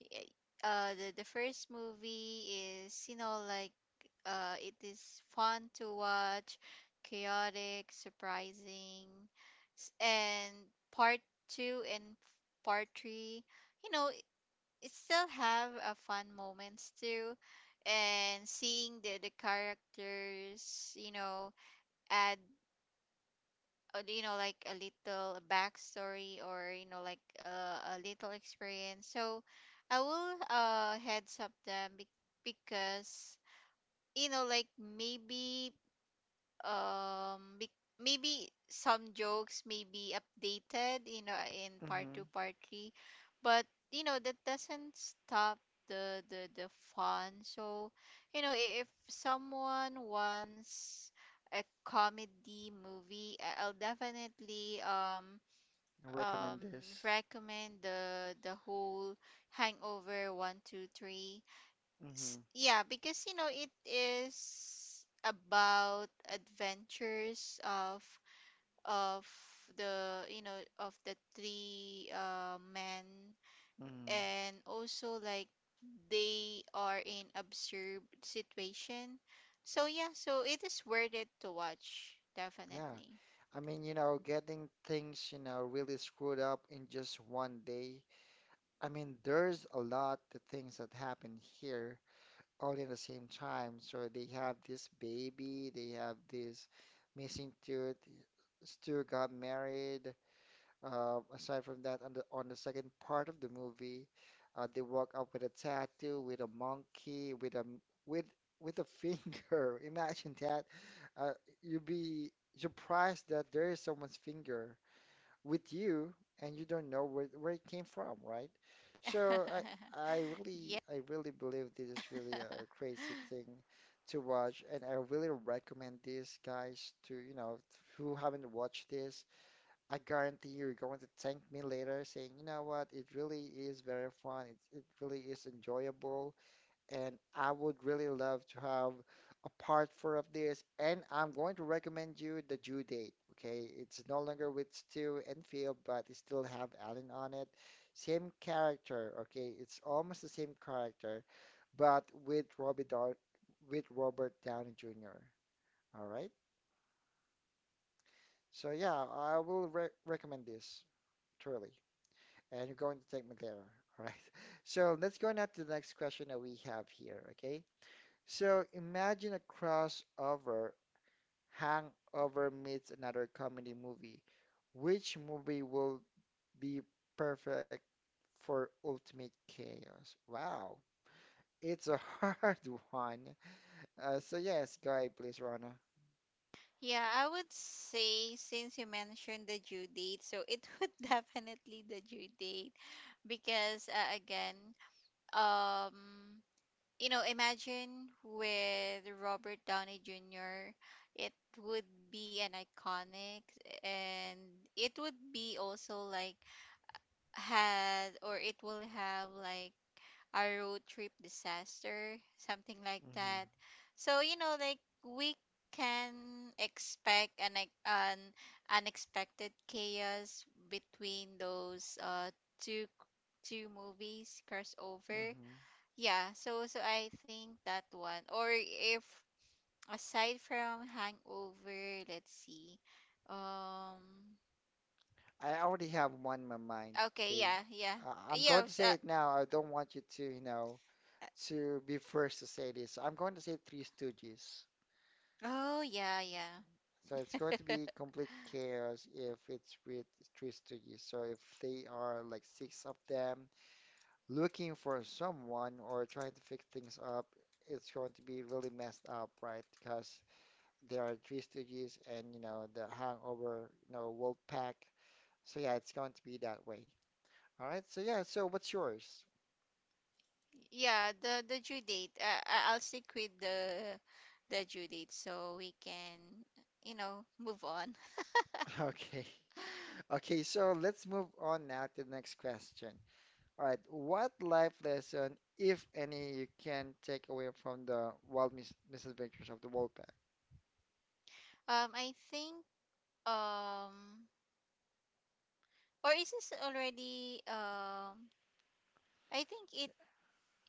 S2: y- the first movie is, like, it is fun to watch, chaotic, surprising, and part 2 and part 3, you know, still have a fun moments too. And seeing the characters, you know, add like a little backstory, or like a little experience. So I will heads up them because like, maybe maybe some jokes may be updated, you know, in part
S1: Mm-hmm.
S2: two part three. But you know that doesn't stop the the fun. So you know, if someone wants a comedy movie, I'll definitely um
S1: Recommend this.
S2: recommend the whole hangover 1, 2, 3.
S1: Mm-hmm.
S2: Yeah, because you know it is about adventures of the, you know, of the three men.
S1: Mm-hmm.
S2: And also, like, they are in absurd situation. So yeah, so it is worth it to watch,
S1: Yeah.
S2: definitely.
S1: I mean, getting things, really screwed up in just one day. I mean, there's a lot of things that happen here all in the same time. So they have this baby, they have this missing tooth. Stu got married. Aside from that, on the second part of the movie, they walk up with a tattoo, with a monkey, with with a finger. Imagine that. Uh, you'd be surprised that there is someone's finger with you and you don't know where it came from, right? So I I
S2: Yeah.
S1: really I really believe this is really a crazy thing to watch, and I really recommend this, guys, to who haven't watched this. I guarantee you're going to thank me later, saying, you know what, it really is very fun. It really is enjoyable and I would really love to have a part four of this. And I'm going to recommend you the due date. Okay, it's no longer with Stu and Phil, but it still have Alan on it. Same character. Okay, it's almost the same character, but with Robbie Dar with Robert Downey Jr. All right. So yeah, I will re recommend this truly, and you're going to take me there. All right. So let's go now to the next question that we have here. Okay. So imagine a crossover, Hangover meets another comedy movie. Which movie will be perfect for ultimate chaos? Wow, it's a hard one. So yes, go ahead, please, Rona.
S2: Yeah, I would say, since you mentioned the due date, so it would definitely the due date. Because again, um you know, imagine with Robert Downey Jr, it would be an iconic. And it would be also like had, or it will have like a road trip disaster, something like
S1: Hmm,
S2: that. So, you know, like, we can expect an, an unexpected chaos between those two two movies crossover.
S1: hmm.
S2: Yeah, so so I think that one. Or if aside from Hangover, let's see. Um.
S1: I already have one in my mind.
S2: Okay,
S1: Okay,
S2: yeah, yeah.
S1: I'm
S2: Yeah,
S1: going to
S2: s-
S1: say
S2: Uh.
S1: it now. I don't want you to, you know,
S2: Uh,
S1: to be first to say this. So, I'm going to say Three Stooges.
S2: oh yeah, yeah.
S1: So it's going to be complete chaos if it's with three stooges. So if they are like six of them looking for someone or trying to fix things up, it's going to be really messed up, right? Because there are three stooges and you know the hangover, wolf pack. So yeah, it's going to be that way. All right. So yeah, so what's yours?
S2: Yeah, the due date. I- I'll stick with the due date, so we can, you know, move on.
S1: Okay. Okay, so let's move on now to the next question. All right, what life lesson, if any, you can take away from the wild misadventures of the Wolfpack?
S2: I think um or is this already, I think it,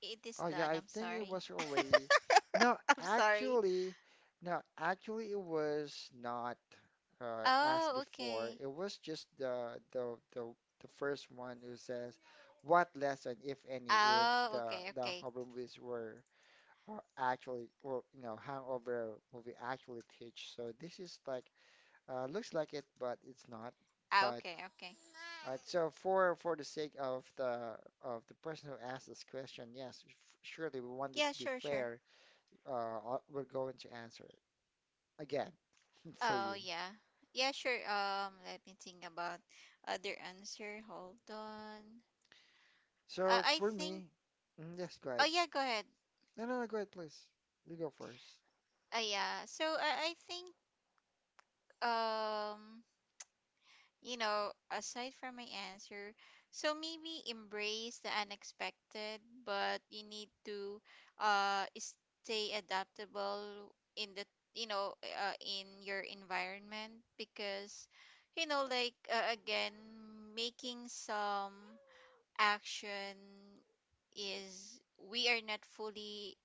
S2: it is
S1: Oh yeah,
S2: done.
S1: I
S2: I'm
S1: think it
S2: sorry.
S1: was already. No,
S2: I'm sorry.
S1: actually, it was not asked
S2: Oh,
S1: before.
S2: okay.
S1: It was just the first one who says, "What lesson, if any, if
S2: Oh,
S1: the
S2: okay,
S1: the
S2: okay.
S1: horror movies were actually or you know hangover movie actually teach?" So this is like looks like it, but it's not.
S2: Ah,
S1: But
S2: okay, okay.
S1: all right, so for the sake of the person who asked this question, yes, surely we want it
S2: Yeah,
S1: to be
S2: sure, sure.
S1: fair. We're going to answer it again for
S2: Oh,
S1: you.
S2: yeah. Yeah, sure. Let me think about other answer. Hold on.
S1: So
S2: I
S1: for
S2: think.
S1: me, yes, go ahead.
S2: Oh yeah, go ahead.
S1: No, no, no, go ahead, please. You go first.
S2: Yeah. So I think um you know, aside from my answer, so maybe embrace the unexpected. But you need to stay adaptable in the, you know, in your environment, because like again, making some action is, we are not fully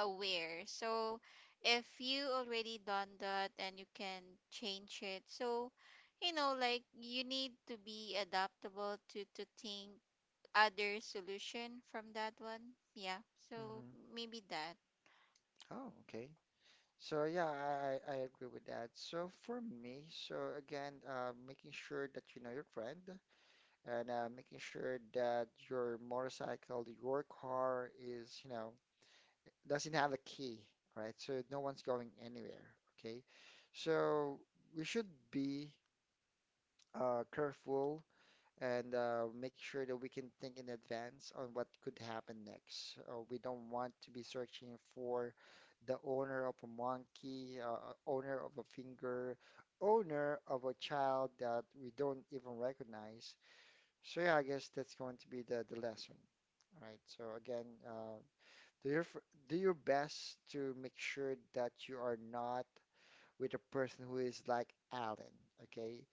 S2: aware. So if you already done that and you can change it, so, you know, like you need to be adaptable to think other solution from that one. Yeah. So
S1: Mm-hmm.
S2: maybe that.
S1: Oh, okay. So yeah, I agree with that. So for me, so again, making sure that you know your friend. And making sure that your motorcycle, your car is, you know, doesn't have a key, right? So no one's going anywhere, okay? So we should be careful and make sure that we can think in advance on what could happen next. We don't want to be searching for the owner of a monkey, owner of a finger, owner of a child that we don't even recognize. So yeah, I guess that's going to be the lesson. All right? So again, do do your best to make sure that you are not with a person who is like Alan, okay?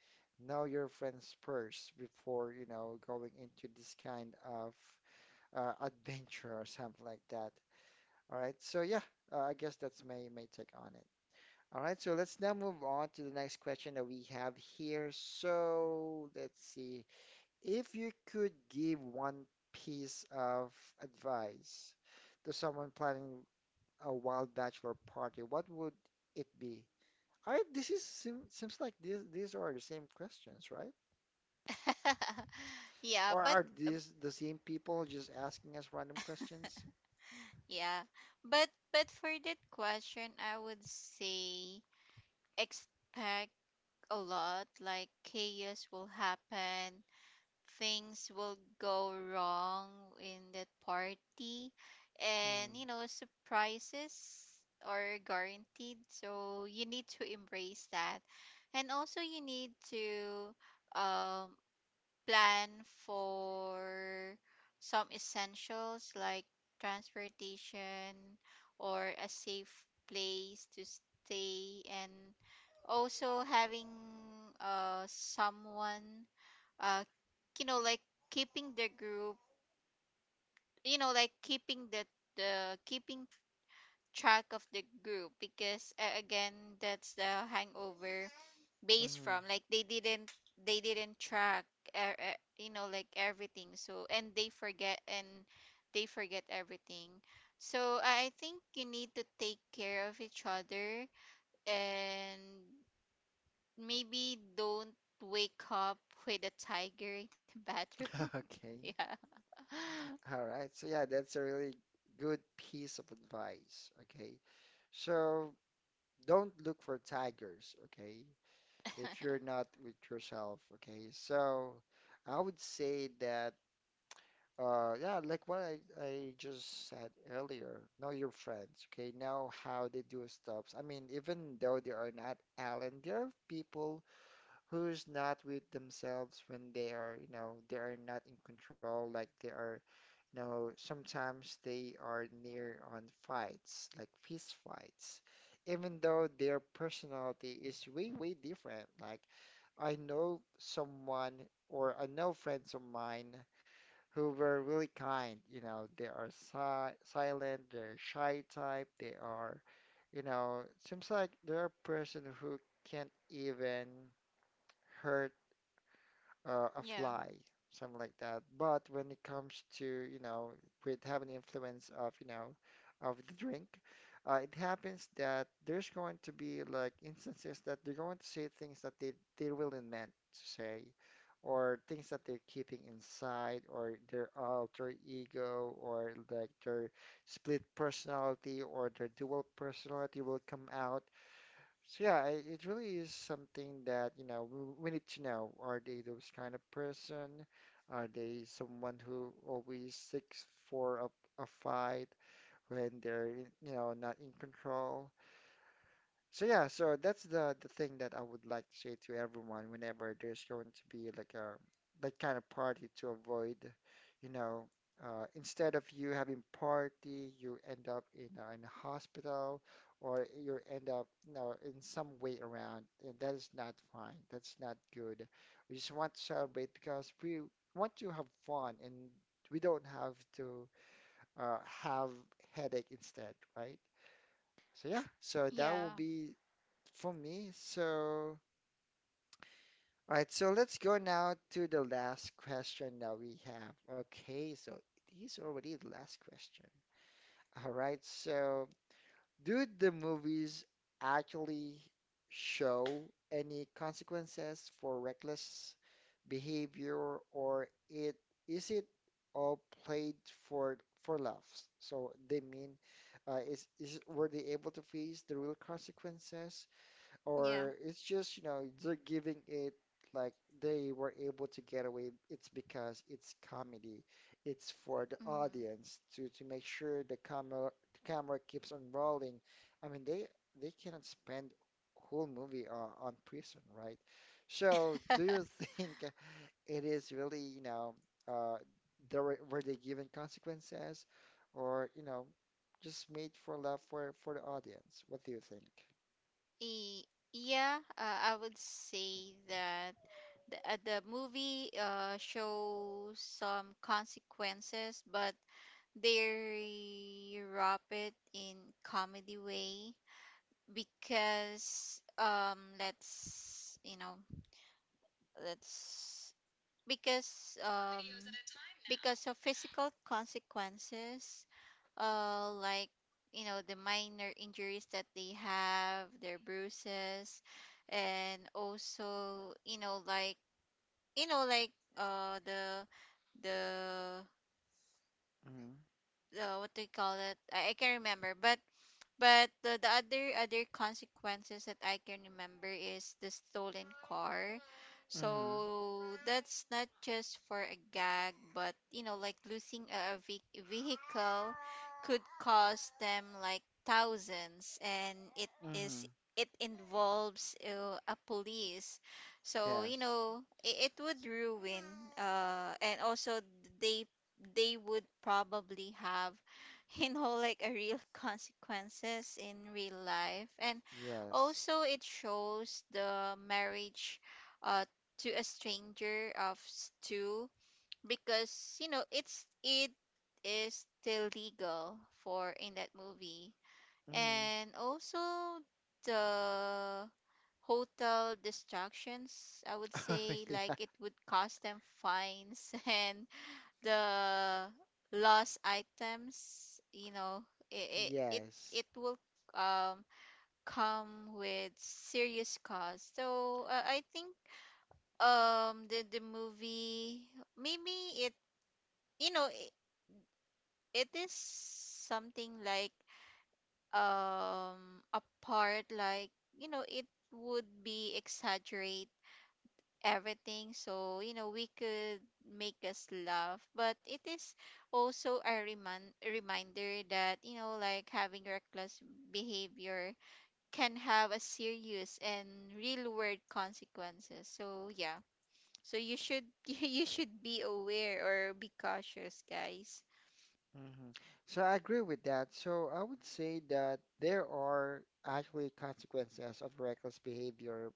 S1: Know your friends first before, you know, going into this kind of adventure or something like that. All right. So yeah, I guess that's my take on it. All right. So let's now move on to the next question that we have here. So let's see if you could give one piece of advice to someone planning a wild bachelor party, what would it be? I this is seems like these are the same questions, right?
S2: Yeah,
S1: Or
S2: but
S1: are
S2: um,
S1: these the same people just asking us random questions?
S2: yeah. But for that question, I would say, expect a lot, like, chaos will happen, things will go wrong in that party. And
S1: Mm,
S2: you know surprises are guaranteed, so you need to embrace that. And also, you need to um, plan for some essentials like transportation or a safe place to stay. And also having someone uh like keeping the group, like keeping the keeping track of the group, because again, that's the hangover, based
S1: mhm.
S2: from like they didn't, they didn't track you know, like everything. So, and they forget, and they forget everything. So I think you need to take care of each other. And maybe don't wake up with a tiger in the bathroom.
S1: Okay.
S2: Yeah.
S1: All right. So yeah, that's a really good piece of advice. Okay. So don't look for tigers. Okay, if you're not with yourself, okay? So I would say that yeah, like what I just said earlier, know your friends, okay? Know how they do stuff. I mean, even though they are not Alan, there are people who's not with themselves when they are not in control, like they are, sometimes they are near on fights, like fist fights. Even though their personality is way, way different, like I know someone or I know friends of mine who were really kind. They are si silent, they're shy type, they are, you know, seems like they're a person who can't even hurt a
S2: Yeah,
S1: fly, something like that. But when it comes to, with having influence of, of the drink, it happens that there's going to be like instances that they're going to say things that they really meant to say, or things that they're keeping inside, or their alter ego, or like their split personality, or their dual personality will come out. So yeah, it really is something that, we need to know. Are they those kind of person? Are they someone who always seeks for a fight when they're not in control? So yeah, so that's the thing that I would like to say to everyone whenever there's going to be like a that kind of party to avoid, you know, instead of you having party, you end up in a hospital or you end up, you know, in some way around, and that is not fine. That's not good. We just want to celebrate because we want to have fun and we don't have to have headache instead, right? So yeah, so that will
S2: yeah,
S1: be for me. So, all right, so let's go now to the last question that we have. Okay, so this is already the last question. All right, so do the movies actually show any consequences for reckless behavior, or it is it all played for for laughs? So they mean, is were they able to face the real consequences?
S2: yeah.
S1: Or it's just, you know, they're giving it like they were able to get away. It's because it's comedy. It's for the
S2: Hmm.
S1: audience to make sure the camera keeps on rolling. I mean, they cannot spend whole movie on prison, right? So, do you think it is really, uh, there were they given consequences, or you know, just made for love for the audience? What do you think?
S2: E- yeah, I would say that the movie shows some consequences. But they wrap it in comedy way, because let's, you know, let's, because
S1: Four videos at
S2: um
S1: a time now.
S2: because of physical consequences, like, you know, the minor injuries that they have, their bruises. And also, you know, like, you know like uh the the
S1: Mm-hmm.
S2: what do you call it, I can't remember. But the other other consequences that I can remember is the stolen car.
S1: Mm-hmm.
S2: So that's not just for a gag, but you know, like losing a vehicle could cost them like thousands, and it is,
S1: Mm-hmm.
S2: it involves a police. So you
S1: Yes.
S2: know, it would ruin. And also, they they would probably have you know, like a real consequences in real life. And
S1: Yes.
S2: also, it shows the marriage uh to a stranger of two, because you know it's it is still legal for in that movie.
S1: Mm-hmm.
S2: And also, the hotel distractions, I would
S1: Oh,
S2: say, like,
S1: yeah.
S2: it would cost them fines. And the lost items, you know, it it it,
S1: Yes.
S2: it will um come with serious cost. So I think the movie, maybe it, you know, it is something like a part, like, you know, it would be exaggerate everything. So you know we could make us laugh, but it is also a reminder that, you know, like having reckless behavior can have a serious and real world consequences. So yeah, so you should you should be aware or be cautious, guys.
S1: Mm-hmm. So I agree with that. So I would say that there are actually consequences of reckless behavior,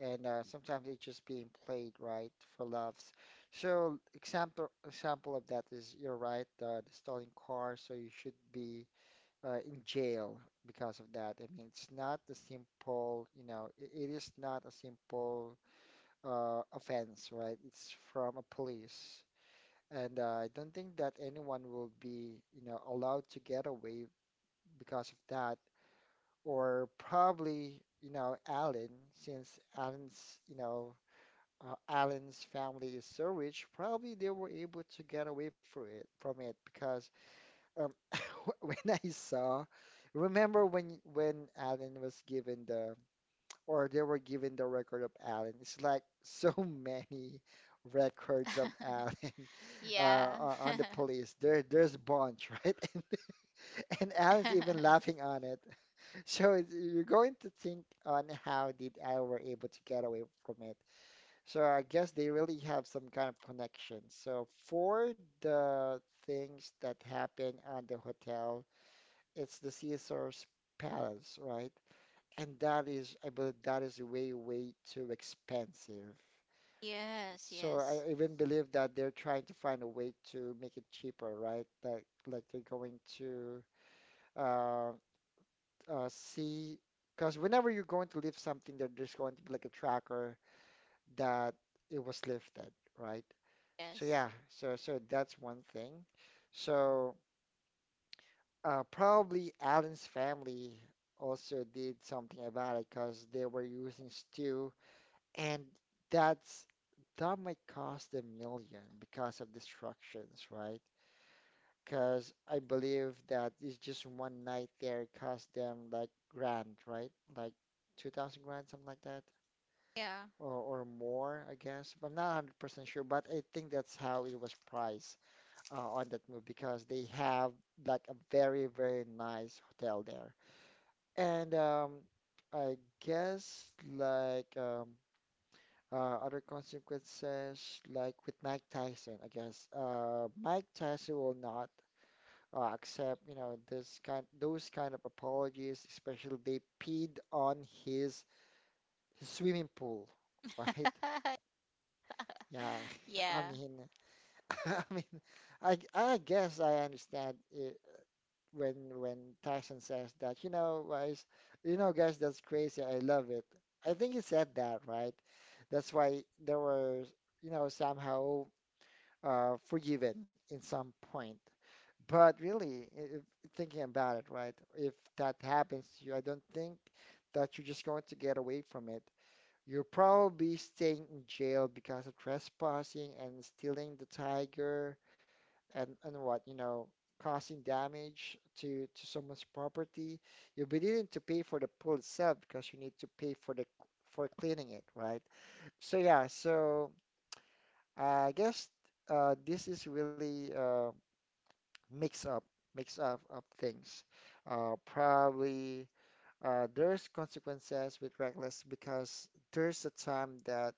S1: and sometimes it's just being played right for laughs. So example of that is you're right, the stolen car. So you should be in jail because of that. I mean, it's not a simple, you know, it is not a simple offense, right? It's from a police. And I don't think that anyone will be, you know, allowed to get away because of that. Or probably, you know, Alan, since Alan's, Alan's family is so rich, probably they were able to get away for it, from it because um, when I saw, remember when Alan was given the, or they were given the record of Alan. It's like so many records of Alan
S2: Yeah.
S1: on the police. There's a bunch, right? And Alan's even laughing on it. So it's, you're going to think on how did Alan were able to get away from it. So I guess they really have some kind of connection. So for the things that happened on the hotel. It's the Caesar's Palace, right? And that is, I believe that is way, way too expensive.
S2: Yes,
S1: So
S2: yes.
S1: I even believe that they're trying to find a way to make it cheaper, right? That like they're going to uh, see, because whenever you're going to lift something, there, there's going to be like a tracker that it was lifted, right? So
S2: Yes.
S1: yeah, so so that's one thing. So. Probably Alan's family also did something about it because they were using stew, and that's that might cost a million because of destructions, right? Because I believe that it's just one night there cost them like grand, right? Like 2,000 grand, something like that,
S2: Yeah.
S1: or more, I guess. But I'm not 100% sure, but I think that's how it was priced on that move because they have like a very, very nice hotel there and I guess like other consequences, like with Mike Tyson, I guess Mike Tyson will not accept, you know, this kind, those kind of apologies, especially they peed on his, his swimming pool, right? Yeah, I
S2: Yeah.
S1: mean, I mean, I guess I understand. Uh, when Tyson says that, you know, guys, that's crazy. I love it. I think he said that, right? That's why they were, you know, somehow forgiven in some point. But really, if, thinking about it, right? If that happens to you, I don't think that you're just going to get away from it. You're probably staying in jail because of trespassing and stealing the tiger and what, you know, causing damage to someone's property, you'll be needing to pay for the pool itself because you need to pay for the for cleaning it, right? So yeah, so I guess this is really mix up mix up of things. Probably there's consequences with reckless because there's a time that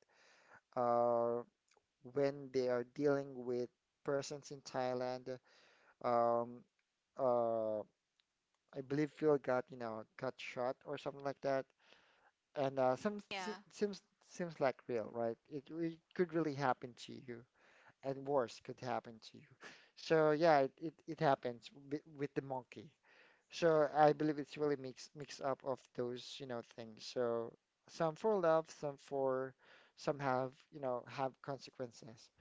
S1: uh, when they are dealing with persons in Thailand, um, uh, I believe Phil got, you know, got shot or something like that. And some se-
S2: Yeah.
S1: seems seems like real, right? It could really happen to you, and worse could happen to you. So yeah, it happens with the monkey. So I believe it's really mix up of those, you know, things. So some for love, some for some have, you know, have consequences.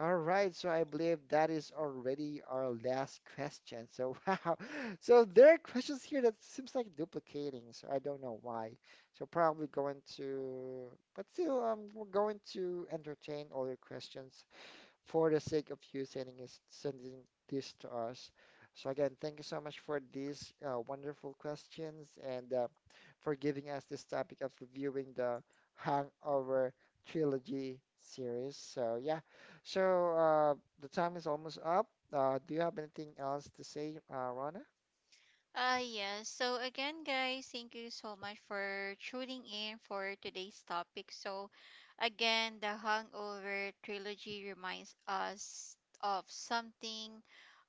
S1: All right, so I believe that is already our last question. So wow, so there are questions here that seems like duplicating, so I don't know why. So probably going to, but still, we're going to entertain all your questions for the sake of you sending this to us. So again, thank you so much for these wonderful questions and for giving us this topic of reviewing the Hangover trilogy series. So yeah, so uh, the time is almost up. Do you have anything else to say, Rana?
S2: Yes. So again, guys, thank you so much for tuning in for today's topic. So again, the Hangover trilogy reminds us of something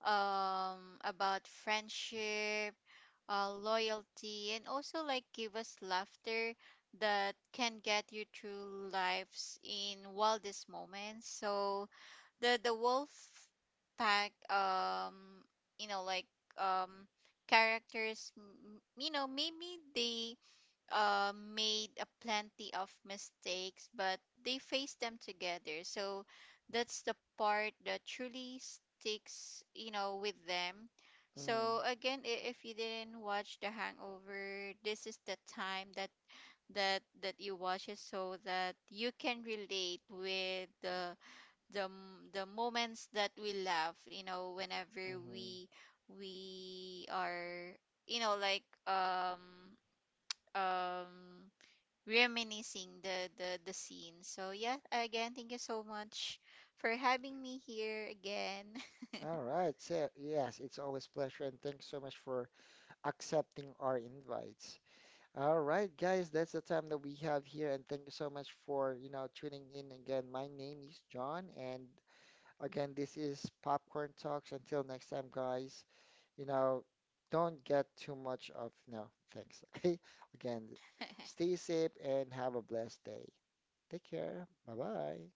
S2: about friendship, loyalty, and also, like, give us laughter that can get you through life's in wildest moments. So the wolf pack, you know, like um characters, you know, maybe they made a plenty of mistakes, but they faced them together. So that's the part that truly sticks, you know, with them.
S1: Mm,
S2: So again, if you didn't watch the hangover, this is the time that that you watch it, so that you can relate with the the moments that we laugh, you know, whenever
S1: mhm.
S2: we are, you know, like, um reminiscing the the scene. So yeah, again, thank you so much for having me here again.
S1: All right. So, yes, it's always a pleasure, and thanks so much for accepting our invites. All right, guys, that's the time that we have here, and thank you so much for, you know, tuning in again. My name is John, and again, this is Popcorn Talks. Until next time, guys, you know, don't get too much of, no, thanks, okay? Again, stay safe and have a blessed day. Take care. Bye-bye.